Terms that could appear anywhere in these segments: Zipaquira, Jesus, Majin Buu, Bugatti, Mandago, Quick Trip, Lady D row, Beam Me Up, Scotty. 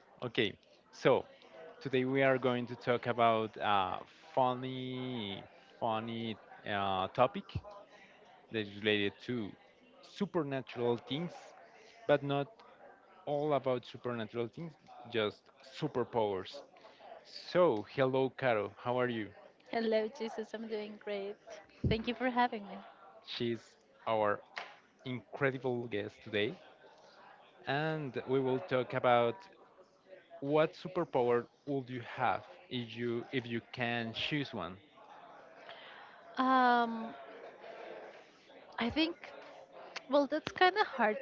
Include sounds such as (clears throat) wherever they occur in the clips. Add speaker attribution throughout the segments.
Speaker 1: (laughs) Okay, so today we are going to talk about a funny, funny topic that is related to supernatural things, but not all about supernatural things, just superpowers. So, hello, Caro. How are you?
Speaker 2: Hello, Jesus. I'm doing great. Thank you for having me.
Speaker 1: She's our incredible guest today, and we will talk about what superpower would you have if you can choose one?
Speaker 2: Um, I think, well, that's kind of hard,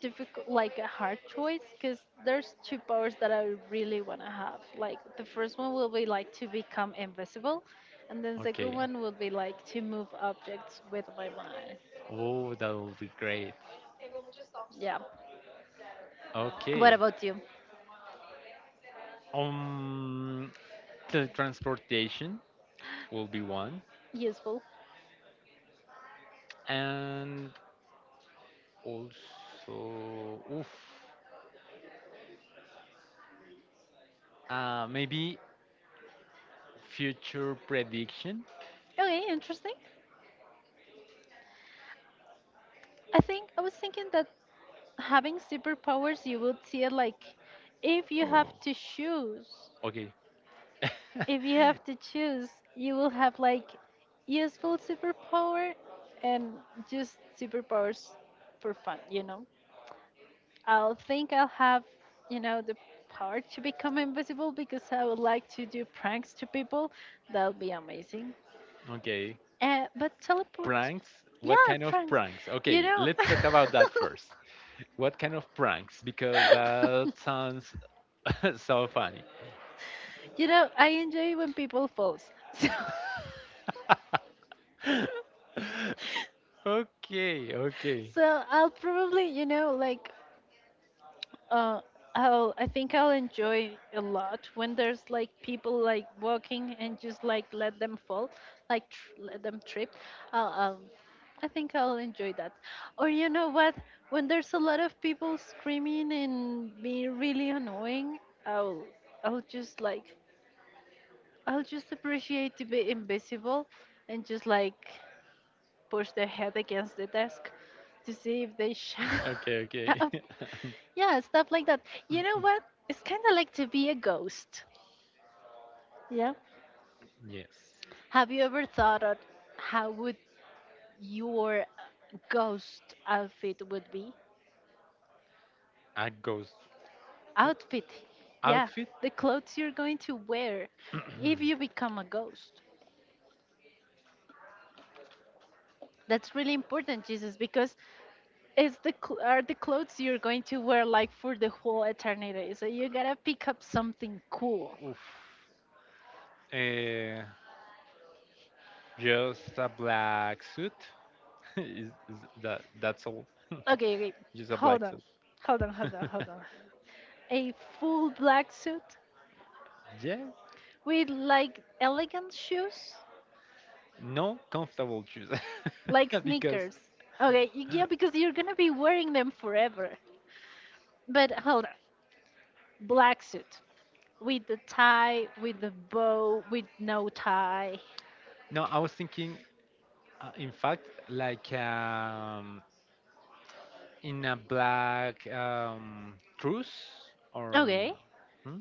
Speaker 2: difficult, like a hard choice, because there's two powers that I really want to have. Like the first one will be like to become invisible, and then second
Speaker 1: Okay.
Speaker 2: one will be like to move objects with my mind.
Speaker 1: Oh, that will be great.
Speaker 2: Yeah. What
Speaker 1: Okay.
Speaker 2: about you?
Speaker 1: Um, Teletransportation will be one,
Speaker 2: Useful.
Speaker 1: and also, oof. Maybe future prediction.
Speaker 2: Okay, interesting. I think I was thinking that having superpowers, you would see it like if you have to choose,
Speaker 1: Okay, (laughs)
Speaker 2: if you have to choose, you will have like useful superpower and just superpowers for fun, you know. I'll think I'll have, you know, the power to become invisible because I would like to do pranks to people. That'll be amazing.
Speaker 1: okay.
Speaker 2: But teleport,
Speaker 1: Pranks.
Speaker 2: yeah,
Speaker 1: What kind of
Speaker 2: pranks,
Speaker 1: pranks?
Speaker 2: you
Speaker 1: Okay,
Speaker 2: know.
Speaker 1: let's talk about that first. What kind of pranks? Because that
Speaker 2: (laughs)
Speaker 1: sounds (laughs) so funny.
Speaker 2: You know, I enjoy when people falls. (laughs)
Speaker 1: (laughs)
Speaker 2: So,
Speaker 1: Okay, okay,
Speaker 2: so I'll probably, you know, like, uh, I think I'll enjoy a lot when there's like people like walking and just like let them fall, let them trip. I'll, I'll, I think I'll enjoy that. Or you know what? When there's a lot of people screaming and being really annoying, I'll, I'll just like, I'll just appreciate to be invisible and just like push their head against the desk to see if they shut
Speaker 1: okay,
Speaker 2: (laughs)
Speaker 1: okay.
Speaker 2: up.
Speaker 1: (laughs)
Speaker 2: Yeah, stuff like that. You know what? It's kind of like to be a ghost. Yeah.
Speaker 1: Yes,
Speaker 2: Have you ever thought of how would your ghost outfit would be?
Speaker 1: a ghost what?
Speaker 2: Outfit. Yeah,
Speaker 1: Outfit.
Speaker 2: the clothes you're going to wear if you become a ghost. That's really important, Jesus, because it's the are the clothes you're going to wear like for the whole eternity. So you gotta pick up something cool.
Speaker 1: Oof. Uh, just a black suit. (laughs) Is that that's all? (laughs)
Speaker 2: Okay, okay.
Speaker 1: Just a black
Speaker 2: Hold on.
Speaker 1: suit.
Speaker 2: Hold on,
Speaker 1: (laughs)
Speaker 2: hold on, hold on. hold on. A full black suit
Speaker 1: Yes.
Speaker 2: with like elegant shoes,
Speaker 1: No, comfortable shoes.
Speaker 2: like
Speaker 1: (laughs) Because
Speaker 2: sneakers. Okay, yeah, because you're gonna be wearing them forever. But hold on. Black suit with the tie, with the bow, with no tie.
Speaker 1: no, I was thinking, in fact, like. In a black truce or
Speaker 2: Okay.
Speaker 1: hmm?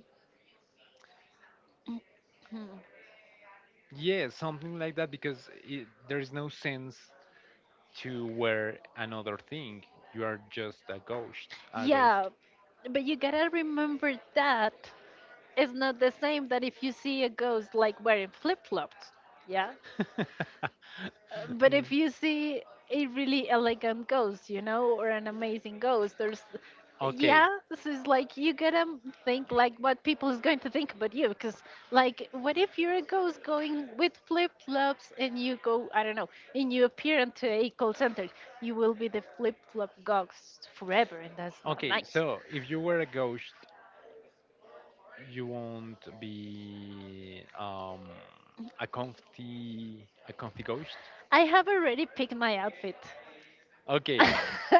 Speaker 2: Hmm.
Speaker 1: Yeah, something like that because it, there is no sense to wear another thing. You are just a ghost. A ghost.
Speaker 2: Yeah, but you gotta remember that it's not the same that if you see a ghost like wearing flip flops. Yeah?
Speaker 1: (laughs)
Speaker 2: But
Speaker 1: Mm.
Speaker 2: if you see a really elegant ghost, you know, or an amazing ghost, there's,
Speaker 1: Okay,
Speaker 2: yeah, this is like you gotta think like what people is going to think about you, because like, what if you're a ghost going with flip flops and you go, I don't know, and you appear into a call center, you will be the flip flop ghost forever, and that's not
Speaker 1: okay.
Speaker 2: nice.
Speaker 1: So if you were a ghost, you won't be a comfy ghost.
Speaker 2: I have already picked my outfit. (laughs)
Speaker 1: Okay,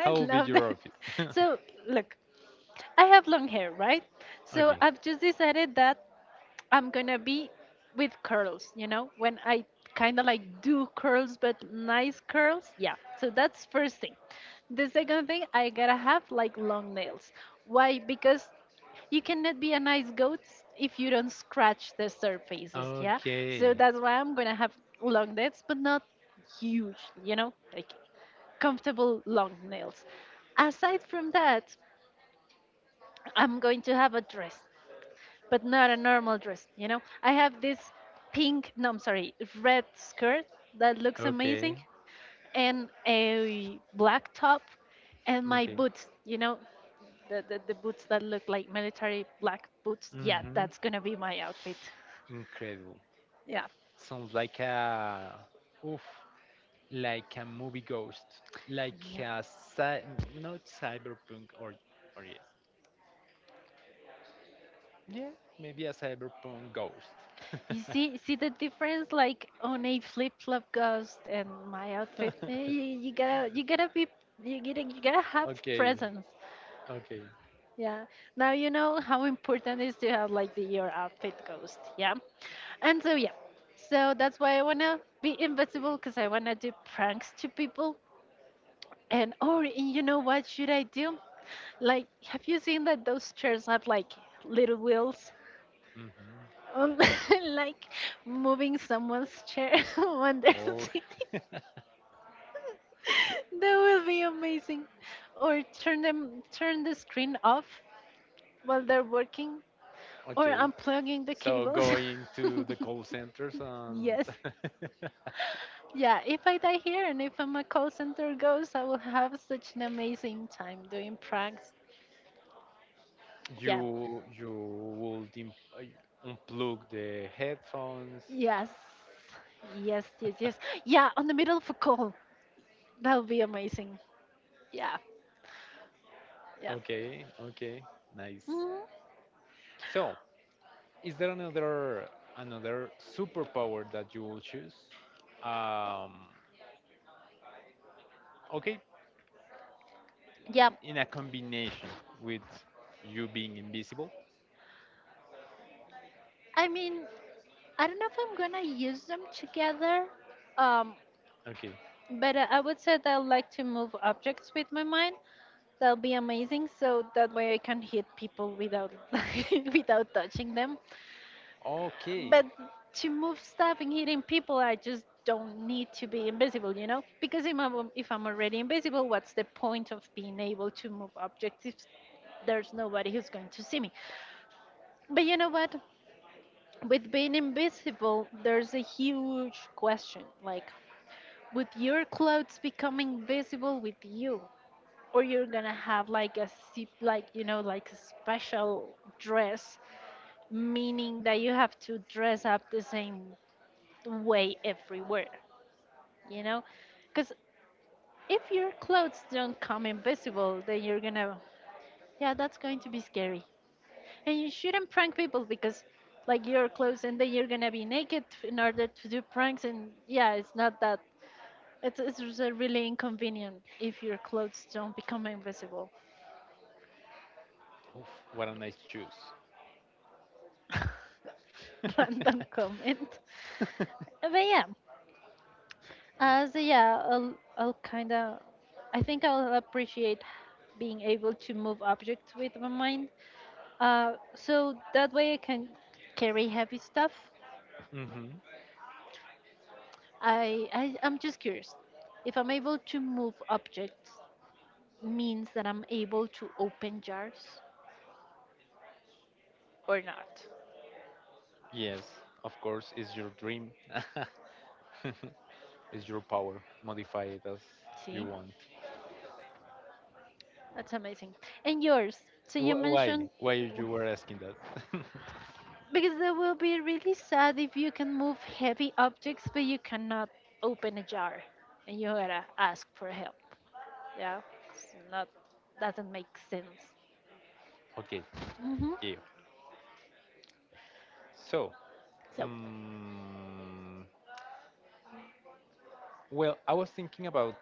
Speaker 1: how will be
Speaker 2: love
Speaker 1: your
Speaker 2: that.
Speaker 1: outfit?
Speaker 2: So, look, I have long hair, right?
Speaker 1: (laughs)
Speaker 2: So
Speaker 1: Okay,
Speaker 2: I've just decided that I'm gonna be with curls, you know, when I kind of like do curls, but nice curls. Yeah, so that's first thing. The second thing, I gotta have like long nails. Why? Because you cannot be a nice goat if you don't scratch the surfaces, yeah? So
Speaker 1: okay,
Speaker 2: that's why I'm gonna have long nails, but not huge, you know, like comfortable long nails. Aside from that, I'm going to have a dress but not a normal dress, you know? I have this pink, no, I'm sorry, red skirt that looks amazing
Speaker 1: okay.
Speaker 2: and a black top and my
Speaker 1: Okay.
Speaker 2: boots, you know? The boots that look like military black boots. Yeah,
Speaker 1: Hmm.
Speaker 2: that's gonna be my outfit.
Speaker 1: Incredible.
Speaker 2: Yeah.
Speaker 1: Sounds like a oof, like a movie ghost, like
Speaker 2: Yeah.
Speaker 1: a cy, not cyberpunk or yes, yeah, maybe a cyberpunk ghost.
Speaker 2: You see, see the difference, like on a flip flop ghost and my outfit. Eh,
Speaker 1: (laughs)
Speaker 2: You, you gotta be, you gotta have
Speaker 1: Okay,
Speaker 2: presence.
Speaker 1: okay.
Speaker 2: Yeah. Now you know how important it is to have like the your outfit ghost. Yeah. And so yeah. So that's why I wanna be invisible because I wanna do pranks to people. And or and you know what should I do? Like, have you seen that those chairs have like little wheels?
Speaker 1: Hmm.
Speaker 2: Um, (laughs) like moving someone's chair (laughs) when they're
Speaker 1: Oh,
Speaker 2: sitting.
Speaker 1: (laughs)
Speaker 2: (laughs) That will be amazing. Or turn the screen off while they're working. Or
Speaker 1: okay.
Speaker 2: unplugging the
Speaker 1: So
Speaker 2: cables.
Speaker 1: going to the call centers
Speaker 2: (laughs)
Speaker 1: and
Speaker 2: Yes.
Speaker 1: (laughs)
Speaker 2: Yeah, if I die here and if my call center goes, I will have such an amazing time doing pranks. Yeah.
Speaker 1: you would unplug the headphones.
Speaker 2: Yes. Yes. Yeah, on the middle of a call. That would be amazing. Yeah, yeah.
Speaker 1: Okay, okay, nice.
Speaker 2: Mhm.
Speaker 1: So, is there another superpower that you will choose? Um, okay,
Speaker 2: Yeah,
Speaker 1: in a combination with you being invisible.
Speaker 2: I mean, I don't know if I'm gonna use them together, um,
Speaker 1: Okay,
Speaker 2: but I would say that I like to move objects with my mind. That'll be amazing. So that way I can hit people without (laughs) without touching them.
Speaker 1: okay.
Speaker 2: But to move stuff and hitting people, I just don't need to be invisible, you know? Because if I'm already invisible, what's the point of being able to move objects if there's nobody who's going to see me? But you know what? With being invisible, there's a huge question. Like, would your clothes become invisible with you? Or you're gonna have like a sip like you know like a special dress meaning that you have to dress up the same way everywhere you know because if your clothes don't come invisible then you're gonna yeah that's going to be scary and you shouldn't prank people because like your clothes and then you're gonna be naked in order to do pranks and yeah it's not that it's just, really inconvenient if your clothes don't become invisible.
Speaker 1: Oof, what a nice choose.
Speaker 2: (laughs) Random
Speaker 1: (laughs)
Speaker 2: comment. But yeah, yeah, I think I'll appreciate being able to move objects with my mind. So that way I can carry heavy stuff.
Speaker 1: Hmm.
Speaker 2: I'm just curious. If I'm able to move objects, means that I'm able to open jars or not.
Speaker 1: Yes, of course, it's your dream. (laughs) It's your power. Modify it as you
Speaker 2: See,
Speaker 1: want.
Speaker 2: that's amazing. And yours? So you
Speaker 1: Why?
Speaker 2: mentioned.
Speaker 1: Why you were asking that? (laughs)
Speaker 2: Because that will be really sad if you can move heavy objects, but you cannot open a jar, and you gotta ask for help. Yeah, it's not doesn't make sense.
Speaker 1: Okay,
Speaker 2: Hmm.
Speaker 1: yeah. So,
Speaker 2: So,
Speaker 1: mm, well, I was thinking about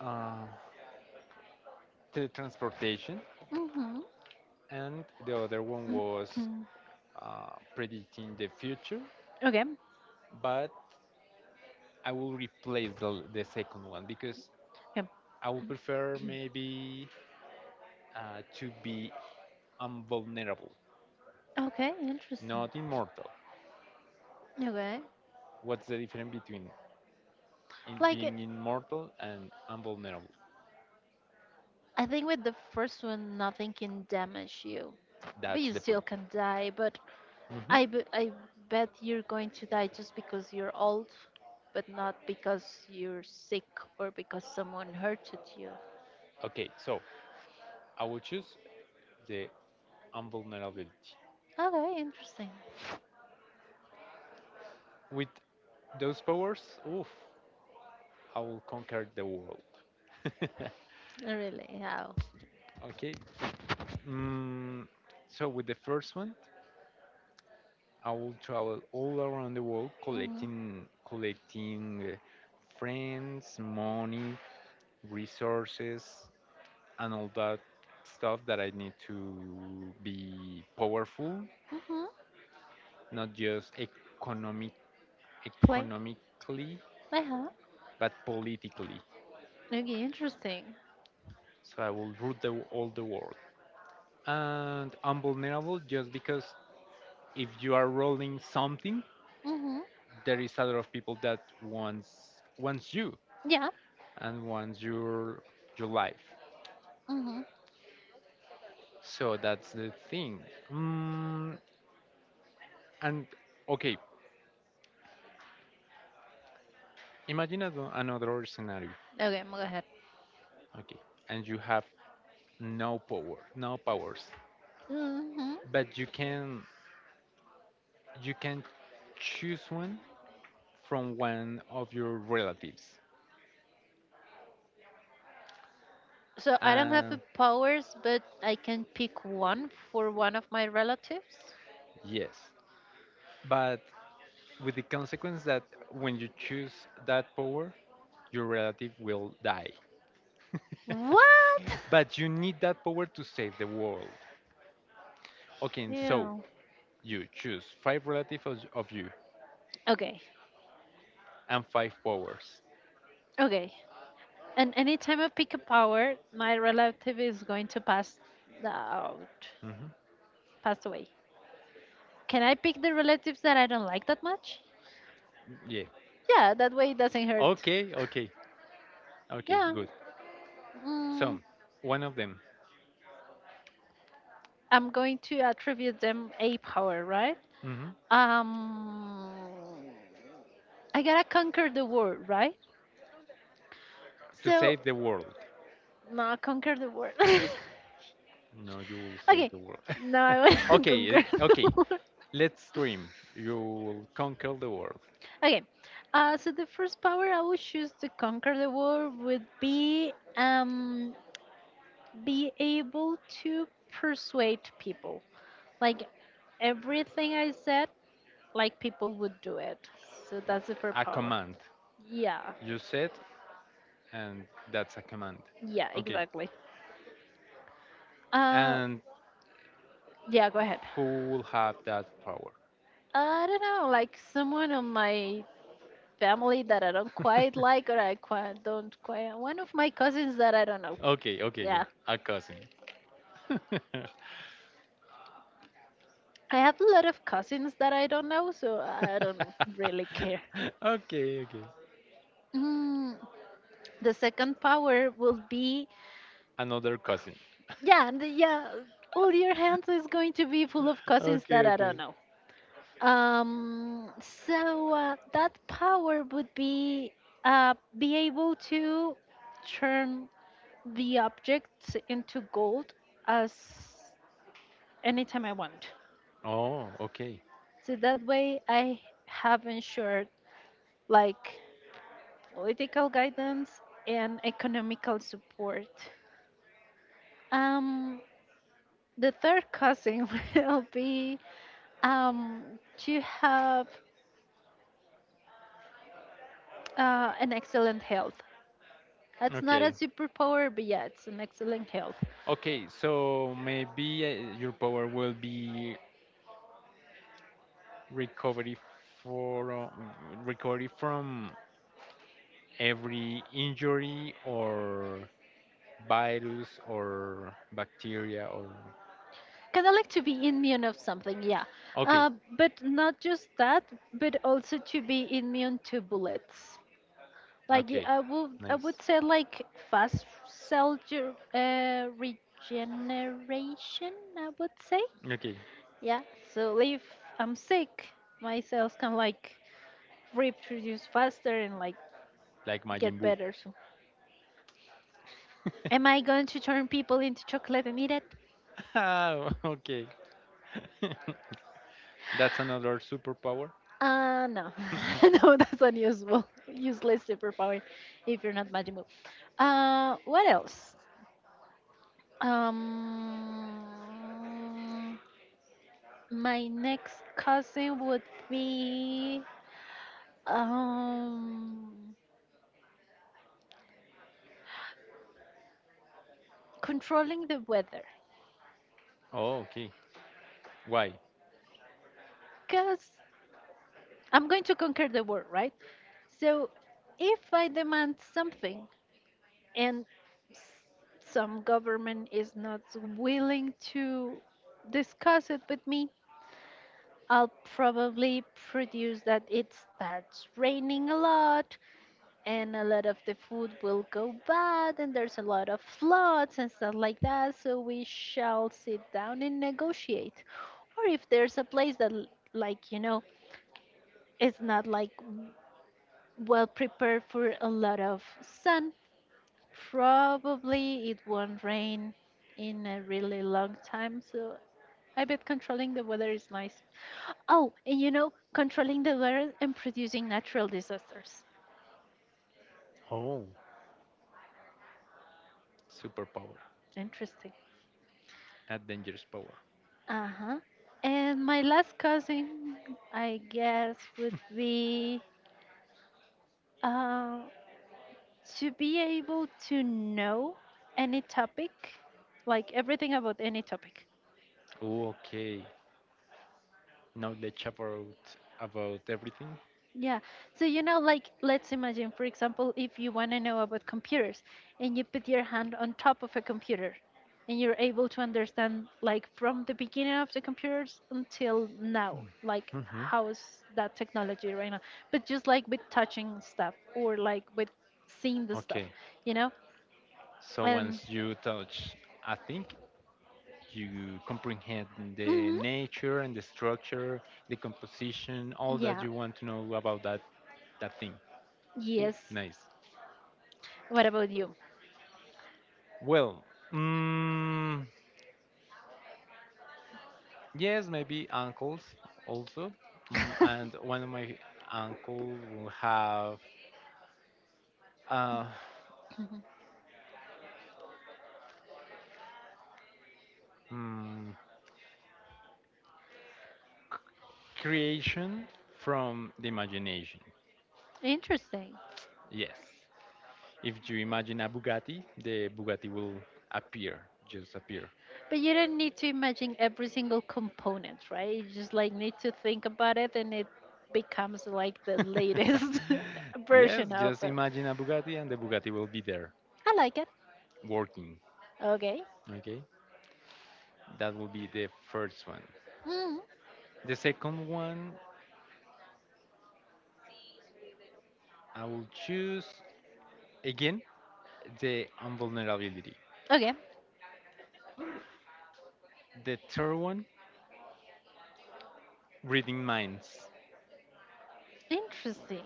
Speaker 1: uh, teletransportation,
Speaker 2: hmm (coughs)
Speaker 1: and the other one was
Speaker 2: (clears throat)
Speaker 1: predicting the future,
Speaker 2: okay,
Speaker 1: but I will replace the second one because
Speaker 2: okay,
Speaker 1: I would prefer maybe to be invulnerable,
Speaker 2: okay, interesting.
Speaker 1: not immortal.
Speaker 2: Okay,
Speaker 1: What's the difference between in
Speaker 2: like it-
Speaker 1: being immortal and invulnerable?
Speaker 2: I think with the first one, nothing can damage you, but
Speaker 1: That's
Speaker 2: you
Speaker 1: the
Speaker 2: still
Speaker 1: point.
Speaker 2: can die. But
Speaker 1: Hmm.
Speaker 2: I bet you're going to die just because you're old, but not because you're sick or because someone hurted you.
Speaker 1: Okay, so I will choose the invulnerability.
Speaker 2: Okay, interesting.
Speaker 1: With those powers, oof, I will conquer the world. (laughs)
Speaker 2: Really? How?
Speaker 1: Okay. Mm, so with the first one, I will travel all around the world
Speaker 2: Mm-hmm.
Speaker 1: collecting friends, money, resources, and all that stuff that I need to be powerful,
Speaker 2: Mm-hmm.
Speaker 1: not just
Speaker 2: Play?
Speaker 1: economically,
Speaker 2: Uh-huh.
Speaker 1: but politically.
Speaker 2: Okay, interesting.
Speaker 1: So I will rule all the world. And I'm vulnerable just because if you are rolling something,
Speaker 2: Mm-hmm.
Speaker 1: there is a lot of people that wants you
Speaker 2: Yeah.
Speaker 1: and wants your life.
Speaker 2: Mm-hmm.
Speaker 1: So that's the thing. Mm, and okay, imagine another scenario.
Speaker 2: Okay, go ahead.
Speaker 1: Okay, and you have no power, no powers,
Speaker 2: Mm-hmm.
Speaker 1: but you can choose one from one of your relatives.
Speaker 2: So I don't have the
Speaker 1: And
Speaker 2: powers, but I can pick one for one of my relatives.
Speaker 1: yes, but with the consequence that when you choose that power, your relative will die. (laughs)
Speaker 2: What? (laughs)
Speaker 1: But you need that power to save the world. Okay, and so
Speaker 2: Yeah.
Speaker 1: you choose five relatives of you
Speaker 2: Okay.
Speaker 1: and five powers.
Speaker 2: Okay. And any time I pick up power, my relative is going to pass out,
Speaker 1: Hmm.
Speaker 2: pass away. Can I pick the relatives that I don't like that much?
Speaker 1: Yeah.
Speaker 2: Yeah, that way it doesn't hurt. (laughs)
Speaker 1: Okay, okay, okay,
Speaker 2: Yeah,
Speaker 1: good.
Speaker 2: mm,
Speaker 1: So, one of them
Speaker 2: I'm going to attribute them a power, right?
Speaker 1: hmm
Speaker 2: Um, I gotta conquer the world, right?
Speaker 1: to
Speaker 2: So,
Speaker 1: save the world.
Speaker 2: no, conquer the world. (laughs) Okay,
Speaker 1: No, you will save the world.
Speaker 2: now I want
Speaker 1: (laughs)
Speaker 2: to (laughs)
Speaker 1: Okay,
Speaker 2: conquer
Speaker 1: eh,
Speaker 2: the
Speaker 1: okay,
Speaker 2: world.
Speaker 1: let's dream. You will conquer the world.
Speaker 2: Okay. So the first power I would choose to conquer the world would be able to persuade people. Like everything I said, like people would do it. So that's the first
Speaker 1: A
Speaker 2: power.
Speaker 1: command.
Speaker 2: Yeah.
Speaker 1: You said, and that's a command.
Speaker 2: Yeah,
Speaker 1: Okay,
Speaker 2: exactly. Uh
Speaker 1: and
Speaker 2: yeah, go ahead.
Speaker 1: who will have that power?
Speaker 2: I don't know, like someone on my family that I don't
Speaker 1: (laughs)
Speaker 2: quite like or I quite don't quite one of my cousins that I don't know.
Speaker 1: Okay, okay,
Speaker 2: Yeah.
Speaker 1: a cousin.
Speaker 2: I have a lot of cousins that I don't know, so I don't really care.
Speaker 1: (laughs) Okay, okay.
Speaker 2: Mm, the second power will be
Speaker 1: Another cousin.
Speaker 2: yeah, yeah. All your hands is going to be full of cousins
Speaker 1: Okay,
Speaker 2: that I don't
Speaker 1: okay.
Speaker 2: know. Um, so that power would be able to turn the objects into gold as anytime I want.
Speaker 1: Oh, okay.
Speaker 2: So that way I have ensured like political guidance, and economical support. Um, the third cousin (laughs) will be um, to have an excellent health. That's not a
Speaker 1: Okay.
Speaker 2: superpower, but yeah, it's an excellent health.
Speaker 1: Okay, so maybe your power will be recovery for recovery from every injury or virus or bacteria or
Speaker 2: Kind of like to be immune of something, yeah.
Speaker 1: okay,
Speaker 2: Uh, but not just that, but also to be immune to bullets. Like
Speaker 1: okay.
Speaker 2: I would
Speaker 1: Nice.
Speaker 2: say like fast cell regeneration. I would say.
Speaker 1: Okay,
Speaker 2: Yeah. So if I'm sick, my cells can like reproduce faster and like
Speaker 1: like Majin
Speaker 2: get
Speaker 1: Buu.
Speaker 2: better. So am I going to turn people into chocolate and eat it?
Speaker 1: Oh, (laughs) okay. (laughs) That's another superpower. (laughs)
Speaker 2: No. (laughs) No, that's unusable, useless superpower if you're not magical. What else? Um my next cousin would be um controlling the weather.
Speaker 1: Oh, okay. Why?
Speaker 2: Cause I'm going to conquer the world, right? So, if I demand something and s- some government is not willing to discuss it with me, I'll probably produce that it starts raining a lot and a lot of the food will go bad and there's a lot of floods and stuff like that. So, we shall sit down and negotiate. Or if there's a place that, like, you know, it's not like well prepared for a lot of sun. Probably it won't rain in a really long time, so I bet controlling the weather is nice. Oh, and you know, controlling the weather and producing natural disasters.
Speaker 1: Oh, superpower.
Speaker 2: Interesting.
Speaker 1: A dangerous power.
Speaker 2: Uh huh. And my last cousin, I guess, would be uh, to be able to know any topic, like everything about any topic.
Speaker 1: Oh, okay. Knowledge about everything.
Speaker 2: Yeah. So, you know, like, let's imagine, for example, if you want to know about computers and you put your hand on top of a computer and you're able to understand, like, from the beginning of the computers until now, like,
Speaker 1: Hmm.
Speaker 2: how's that technology right now? But just like with touching stuff or like with seeing the stuff,
Speaker 1: Okay.
Speaker 2: you know?
Speaker 1: So
Speaker 2: And,
Speaker 1: once you touch a thing, you comprehend the
Speaker 2: hmm
Speaker 1: nature and the structure, the composition, all that
Speaker 2: yeah.
Speaker 1: you want to know about that thing. Oh,
Speaker 2: Yes.
Speaker 1: nice.
Speaker 2: What about you?
Speaker 1: Well, mm, yes, maybe uncles also. Mm, and
Speaker 2: (laughs)
Speaker 1: one of my uncle will have uh, mm, c- creation from the imagination.
Speaker 2: Interesting.
Speaker 1: Yes. If you imagine a Bugatti, the Bugatti will appear, just appear.
Speaker 2: But you don't need to imagine every single component, right? You just like need to think about it and it becomes like the
Speaker 1: (laughs)
Speaker 2: latest (laughs)
Speaker 1: Yes,
Speaker 2: version of
Speaker 1: just
Speaker 2: it.
Speaker 1: imagine a Bugatti and the Bugatti will be there
Speaker 2: I like it.
Speaker 1: working.
Speaker 2: Okay.
Speaker 1: Okay. That will be the first one.
Speaker 2: Mm.
Speaker 1: The second one, I will choose again the invulnerability.
Speaker 2: Okay.
Speaker 1: The third one, reading minds.
Speaker 2: Interesting.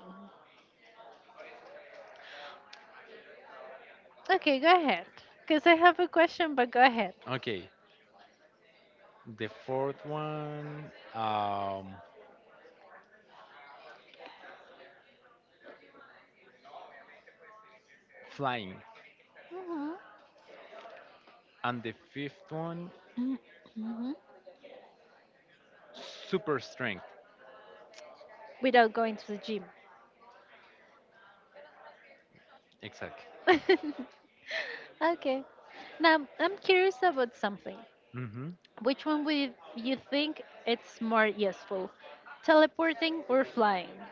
Speaker 2: Okay, go ahead. Because I have a question, but go ahead.
Speaker 1: Okay. The fourth one, flying.
Speaker 2: Hmm.
Speaker 1: And the fifth one,
Speaker 2: Hmm.
Speaker 1: super strength.
Speaker 2: Without going to the gym.
Speaker 1: Exactly.
Speaker 2: (laughs) okay. Now, I'm curious about something.
Speaker 1: Hmm.
Speaker 2: Which one would you think it's more useful? Teleporting or flying?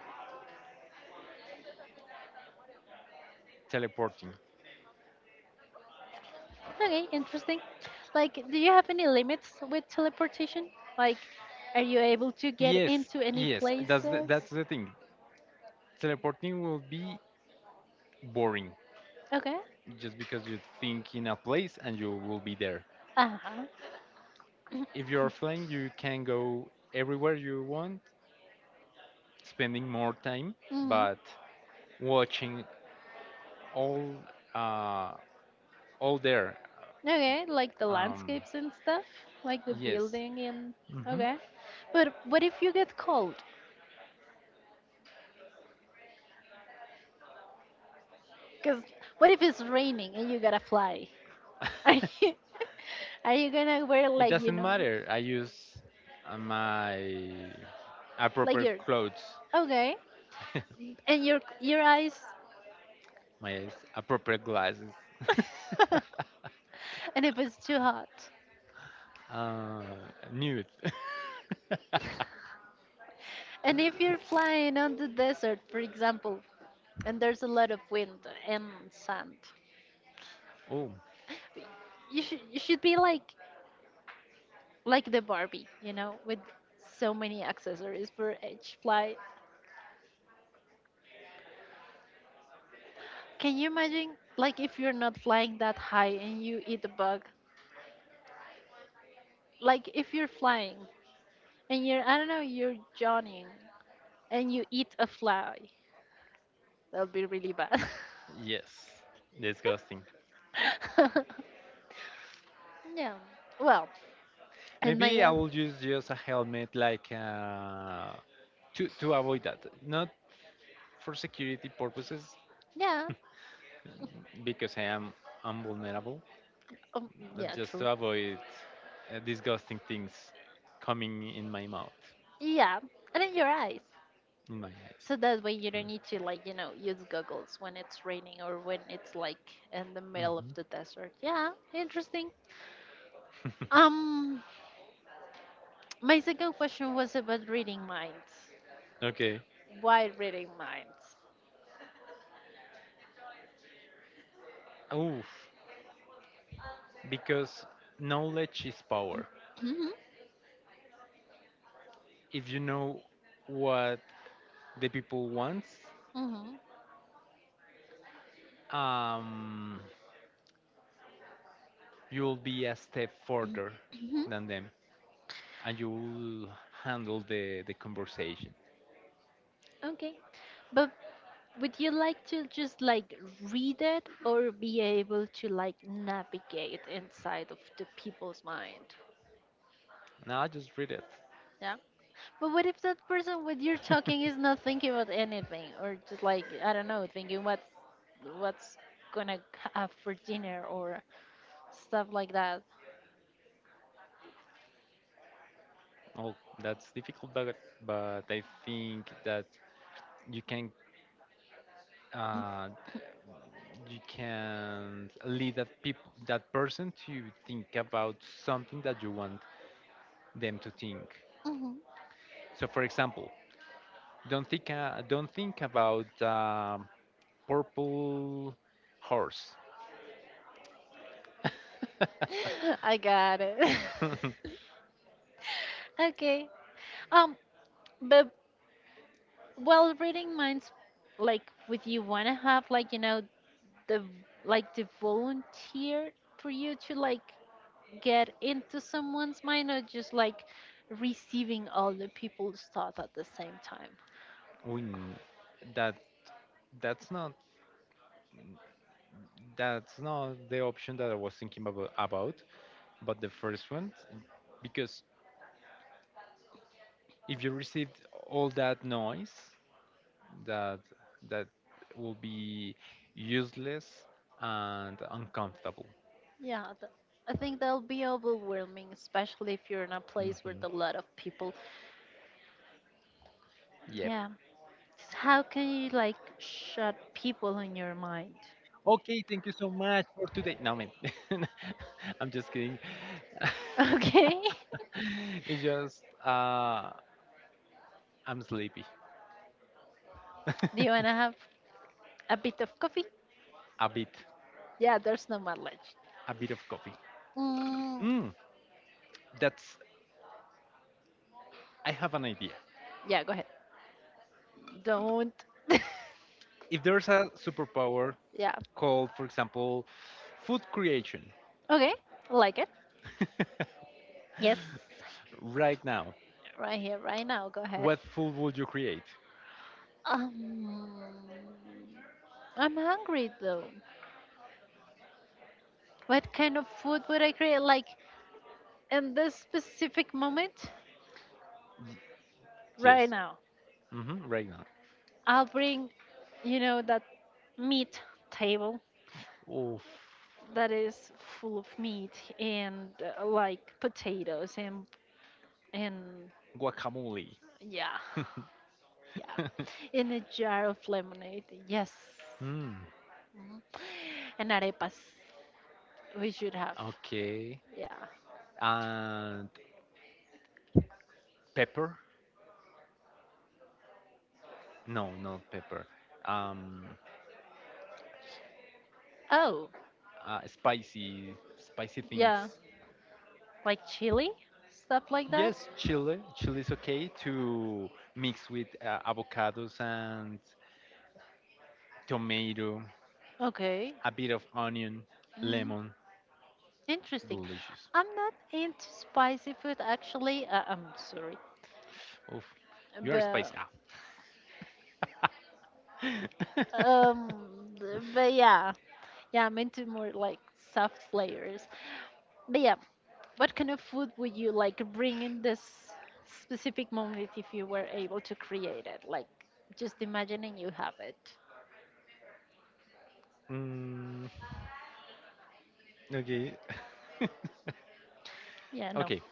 Speaker 1: Teleporting.
Speaker 2: Okay, interesting. Like, do you have any limits with teleportation? Like, are you able to get
Speaker 1: Yes,
Speaker 2: into any
Speaker 1: yes.
Speaker 2: places?
Speaker 1: That's the thing. Teleporting will be boring
Speaker 2: Okay.
Speaker 1: just because you think in a place and you will be there.
Speaker 2: Uh huh.
Speaker 1: If you are flying, you can go everywhere you want, spending more time,
Speaker 2: Mhm.
Speaker 1: but watching all uh, all there.
Speaker 2: Okay, like the
Speaker 1: Um,
Speaker 2: landscapes and stuff, like the
Speaker 1: yes.
Speaker 2: building and
Speaker 1: Hmm.
Speaker 2: okay. But what if you get cold? Cause what if it's raining and you gotta fly? (laughs) Are
Speaker 1: (laughs)
Speaker 2: you are you gonna wear
Speaker 1: It
Speaker 2: like you
Speaker 1: doesn't
Speaker 2: know?
Speaker 1: matter. I use my
Speaker 2: Like
Speaker 1: appropriate
Speaker 2: your
Speaker 1: clothes,
Speaker 2: okay,
Speaker 1: (laughs)
Speaker 2: and your eyes,
Speaker 1: appropriate glasses.
Speaker 2: (laughs)
Speaker 1: (laughs)
Speaker 2: and if it's too hot,
Speaker 1: uh, nude. (laughs)
Speaker 2: and if you're flying on the desert, for example, and there's a lot of wind and sand,
Speaker 1: Oh,
Speaker 2: you should be like the Barbie, you know, with so many accessories for each fly. Can you imagine like if you're not flying that high and you eat a bug? Like if you're flying and you're I don't know, you're jogging and you eat a fly. That would be really bad.
Speaker 1: yes. Disgusting.
Speaker 2: (laughs) yeah. Well, and my
Speaker 1: Maybe I will use just a helmet like to avoid that. Not for security purposes
Speaker 2: yeah,
Speaker 1: (laughs) because I'm vulnerable,
Speaker 2: um,
Speaker 1: but
Speaker 2: yeah,
Speaker 1: just
Speaker 2: true.
Speaker 1: to avoid disgusting things coming in my mouth,
Speaker 2: Yeah, and in your eyes.
Speaker 1: in my eyes.
Speaker 2: So that way you don't need to like, you know, use goggles when it's raining or when it's like in the middle of
Speaker 1: Mm-hmm.
Speaker 2: the desert. Yeah, interesting. Um my second question was about reading minds.
Speaker 1: Okay.
Speaker 2: Why reading minds?
Speaker 1: Oof. Because knowledge is power.
Speaker 2: Mhm.
Speaker 1: If you know what the people wants,
Speaker 2: Mhm.
Speaker 1: um, you'll be a step further
Speaker 2: Mhm.
Speaker 1: than them, and you'll handle the conversation.
Speaker 2: Okay. But would you like to just like read it or be able to like navigate inside of the people's mind?
Speaker 1: Now I just read it.
Speaker 2: Yeah. But what if that person with you're
Speaker 1: (laughs)
Speaker 2: talking is not thinking about anything or just like I don't know, thinking what's gonna have for dinner or stuff like that.
Speaker 1: Oh, that's difficult, but I think that you can uh, you can lead that person to think about something that you want them to think.
Speaker 2: Mhm.
Speaker 1: So for example, don't think about purple horse. (laughs)
Speaker 2: (laughs) I got it. (laughs) okay. Um but while reading minds like with you wanna have like you know the like the volunteer for you to like get into someone's mind or just like receiving all the people's thoughts at the same time
Speaker 1: We, that that's not that's not the option that I was thinking about but the first one because if you received all that noise that that will be useless and uncomfortable.
Speaker 2: yeah I think that'll be overwhelming especially if you're in a place with a
Speaker 1: Mhm.
Speaker 2: lot of people
Speaker 1: Yep.
Speaker 2: yeah. Just how can you like shut people in your mind?
Speaker 1: Okay, thank you so much for today. No, man, (laughs) I'm just kidding. (laughs)
Speaker 2: (laughs) okay.
Speaker 1: It's just I'm sleepy.
Speaker 2: (laughs) Do you want
Speaker 1: (laughs)
Speaker 2: to have a bit of coffee?
Speaker 1: A bit,
Speaker 2: Yeah, there's no more lunch.
Speaker 1: a bit of coffee.
Speaker 2: Mm,
Speaker 1: Mm, that's. I have an idea.
Speaker 2: yeah go ahead, don't
Speaker 1: If there's a superpower
Speaker 2: (laughs) yeah
Speaker 1: called, for example, food creation,
Speaker 2: okay like it.
Speaker 1: (laughs)
Speaker 2: Yes,
Speaker 1: right now,
Speaker 2: right here, right now. Go ahead.
Speaker 1: what food would you create?
Speaker 2: Um, I'm hungry though. What kind of food would I create? Like in this specific moment, right
Speaker 1: Yes.
Speaker 2: now,
Speaker 1: Hmm, right now.
Speaker 2: I'll bring, you know, that meat table
Speaker 1: Oof.
Speaker 2: that is full of meat and like potatoes and
Speaker 1: Guacamole. (laughs)
Speaker 2: yeah, yeah, in a jar of lemonade. Yes,
Speaker 1: Hmm.
Speaker 2: mhm. And arepas we should have.
Speaker 1: Okay.
Speaker 2: Yeah.
Speaker 1: And pepper? No, not pepper. Um,
Speaker 2: Oh,
Speaker 1: spicy, spicy things.
Speaker 2: yeah. Like chili, stuff like that.
Speaker 1: Yes, chili. Chili is okay to mix with avocados and tomato,
Speaker 2: Okay.
Speaker 1: a bit of onion,
Speaker 2: Mm,
Speaker 1: lemon.
Speaker 2: interesting.
Speaker 1: Delicious.
Speaker 2: I'm not into spicy food actually. I'm sorry,
Speaker 1: Oof. You are spicy.
Speaker 2: but
Speaker 1: Ah. (laughs)
Speaker 2: um, but yeah, yeah, I'm into more like soft flavors. But yeah, what kind of food would you like bring in this specific moment if you were able to create it? Like just imagining you have it.
Speaker 1: Mm, okay.
Speaker 2: Yeah,
Speaker 1: (laughs)
Speaker 2: no,
Speaker 1: Okay.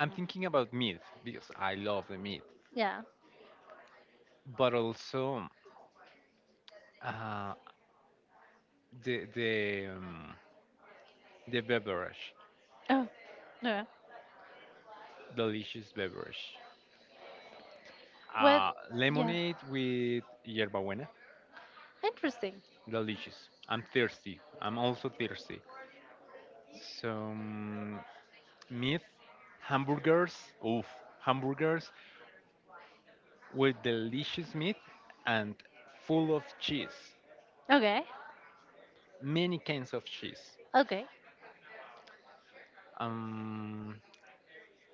Speaker 1: I'm thinking about meat because I love the meat,
Speaker 2: yeah.
Speaker 1: but also uh, the the um, the beverage,
Speaker 2: Oh, no.
Speaker 1: delicious beverage.
Speaker 2: What? Yeah.
Speaker 1: Lemonade with yerba buena,
Speaker 2: Interesting.
Speaker 1: delicious. I'm thirsty. I'm also thirsty. Some meat, hamburgers. Oof, hamburgers with delicious meat and full of cheese,
Speaker 2: Okay.
Speaker 1: many kinds of cheese.
Speaker 2: Okay.
Speaker 1: um,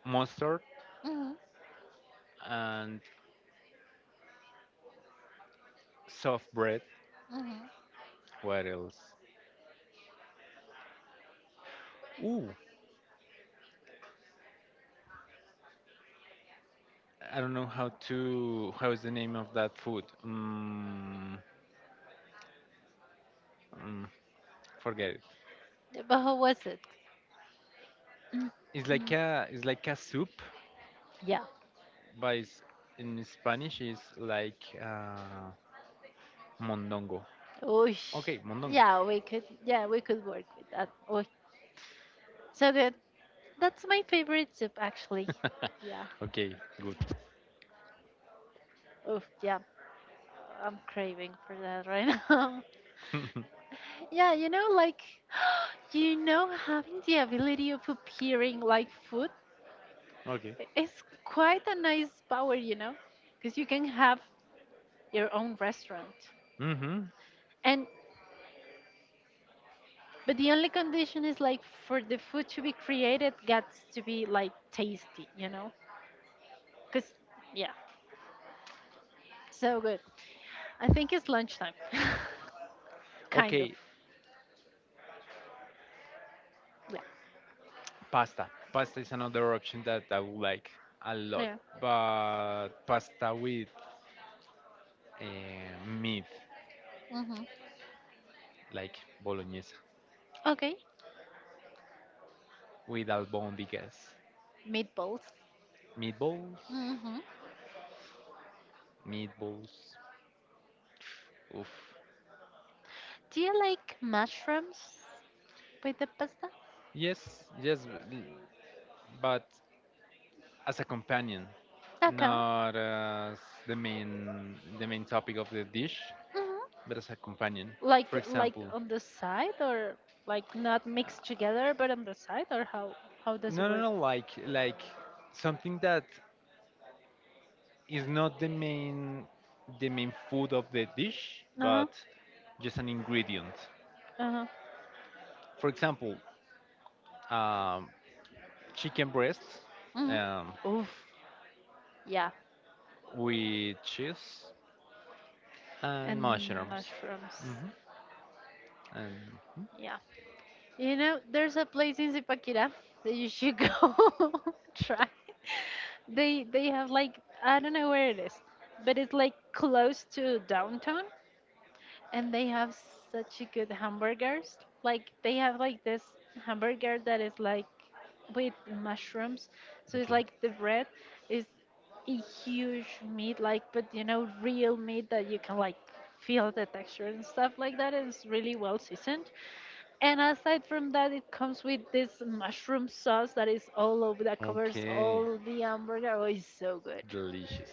Speaker 1: Mustard,
Speaker 2: Hmm.
Speaker 1: and soft bread.
Speaker 2: Hmm.
Speaker 1: What else? Ooh, I don't know how to. How is the name of that food? Mm, forget it.
Speaker 2: But how was it? Mm,
Speaker 1: It's like
Speaker 2: mm.
Speaker 1: a. It's like a soup,
Speaker 2: Yeah.
Speaker 1: but it's, in Spanish it's like mondongo.
Speaker 2: Oosh.
Speaker 1: Okay, mondongo.
Speaker 2: Yeah, we could. Yeah, we could work with that. Oh, so good. That's my favorite soup, actually. Yeah.
Speaker 1: (laughs) Okay, good.
Speaker 2: Oh, yeah. I'm craving for that right (laughs) now.
Speaker 1: (laughs)
Speaker 2: Yeah, you know, like, (gasps) you know, having the ability of appearing like food
Speaker 1: Okay.
Speaker 2: is quite a nice power, you know, because you can have your own restaurant.
Speaker 1: Mm-hmm.
Speaker 2: And but the only condition is like for the food to be created, gets to be like tasty, you know? Cause yeah, so good. I think it's lunchtime, (laughs) kind of.
Speaker 1: Okay,
Speaker 2: Okay.
Speaker 1: pasta. Pasta is another option that I would like a lot,
Speaker 2: Yeah,
Speaker 1: but pasta with meat,
Speaker 2: yeah. Mhm.
Speaker 1: like bolognese,
Speaker 2: Okay,
Speaker 1: with albondigas,
Speaker 2: meatballs.
Speaker 1: meatballs,
Speaker 2: Mhm.
Speaker 1: meatballs. Oof.
Speaker 2: Do you like mushrooms with the pasta?
Speaker 1: Yes, yes, l- but as a companion,
Speaker 2: Okay.
Speaker 1: not as the main topic of the dish,
Speaker 2: Mhm.
Speaker 1: but as a companion. For
Speaker 2: Like
Speaker 1: example,
Speaker 2: on the side or like not mixed together, but on the side or how does
Speaker 1: no,
Speaker 2: it
Speaker 1: no,
Speaker 2: work?
Speaker 1: no, like something that it's not the main food of the dish,
Speaker 2: Uh huh.
Speaker 1: but just an ingredient.
Speaker 2: Uh huh.
Speaker 1: For example, um, chicken breast
Speaker 2: Mhm.
Speaker 1: um,
Speaker 2: Oof. Yeah.
Speaker 1: with cheese and
Speaker 2: And
Speaker 1: mushrooms.
Speaker 2: mushrooms.
Speaker 1: Hmm. And mhm,
Speaker 2: Yeah. You know, there's a place in Zipaquira that you should go (laughs) try. They have like I don't know where it is, but it's like close to downtown and they have such a good hamburgers. Like they have like this hamburger that is like with mushrooms. So it's
Speaker 1: okay,
Speaker 2: like the bread is a huge meat like but you know real meat that you can like feel the texture and stuff like that and it's really well seasoned. And aside from that, it comes with this mushroom sauce that is all over that covers
Speaker 1: okay,
Speaker 2: all the hamburger. Oh, it's so good,
Speaker 1: delicious.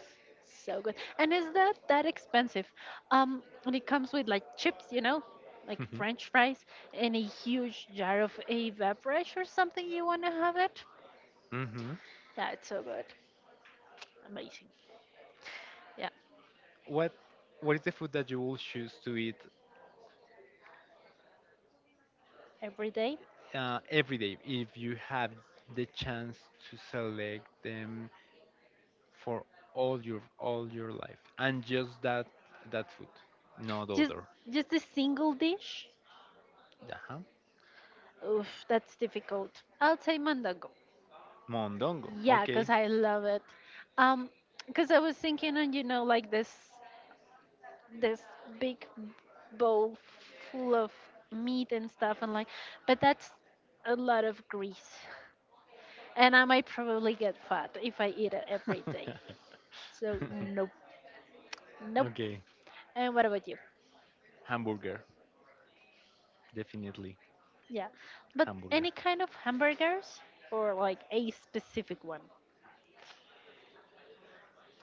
Speaker 2: so good. And is that that expensive? And it comes with like chips, you know, like French
Speaker 1: (laughs)
Speaker 2: fries, and a huge jar of a beverage or something. You wanna have it?
Speaker 1: Hmm.
Speaker 2: Yeah, it's so good, amazing. Yeah,
Speaker 1: What what is the food that you will choose to eat
Speaker 2: every day.
Speaker 1: every day if you have the chance to select them for all your life and just that that food not
Speaker 2: Just
Speaker 1: other
Speaker 2: just a single dish.
Speaker 1: uh
Speaker 2: Oof, that's difficult. I'll say mandago.
Speaker 1: mondongo.
Speaker 2: Yeah, because
Speaker 1: Okay.
Speaker 2: I love it. Um, because I was thinking on, you know, like this big bowl full of meat and stuff, and like, but that's a lot of grease, and I might probably get fat if I eat it every day.
Speaker 1: (laughs)
Speaker 2: So nope, nope.
Speaker 1: Okay,
Speaker 2: And what about you?
Speaker 1: hamburger, definitely.
Speaker 2: Yeah, but
Speaker 1: Hamburger,
Speaker 2: any kind of hamburgers or like a specific one,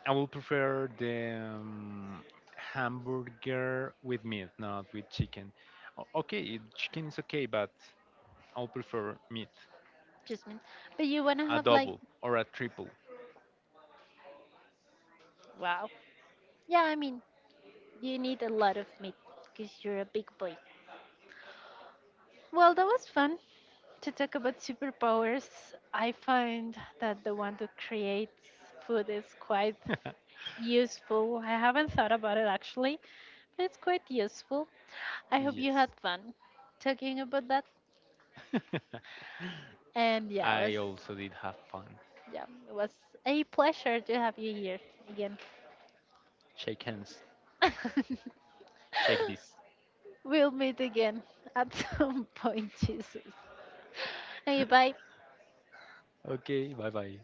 Speaker 1: I will prefer the hamburger with meat, not with chicken. Okay, chicken is okay, but I'll prefer meat.
Speaker 2: just mean. But you wanna
Speaker 1: A
Speaker 2: have like,
Speaker 1: double or a triple.
Speaker 2: wow. Yeah, I mean, you need a lot of meat because you're a big boy. Well, that was fun to talk about superpowers. I find that the one to create food is quite useful. I haven't thought about it actually, but it's quite useful. I hope you
Speaker 1: Yes.
Speaker 2: had fun talking about that. And
Speaker 1: (laughs) I also did have fun.
Speaker 2: yeah, it was a pleasure to have you here again.
Speaker 1: Shake hands.
Speaker 2: (laughs)
Speaker 1: Shake this.
Speaker 2: We'll meet again at (laughs) some point, Jesus. Hey, bye.
Speaker 1: Ok, bye bye.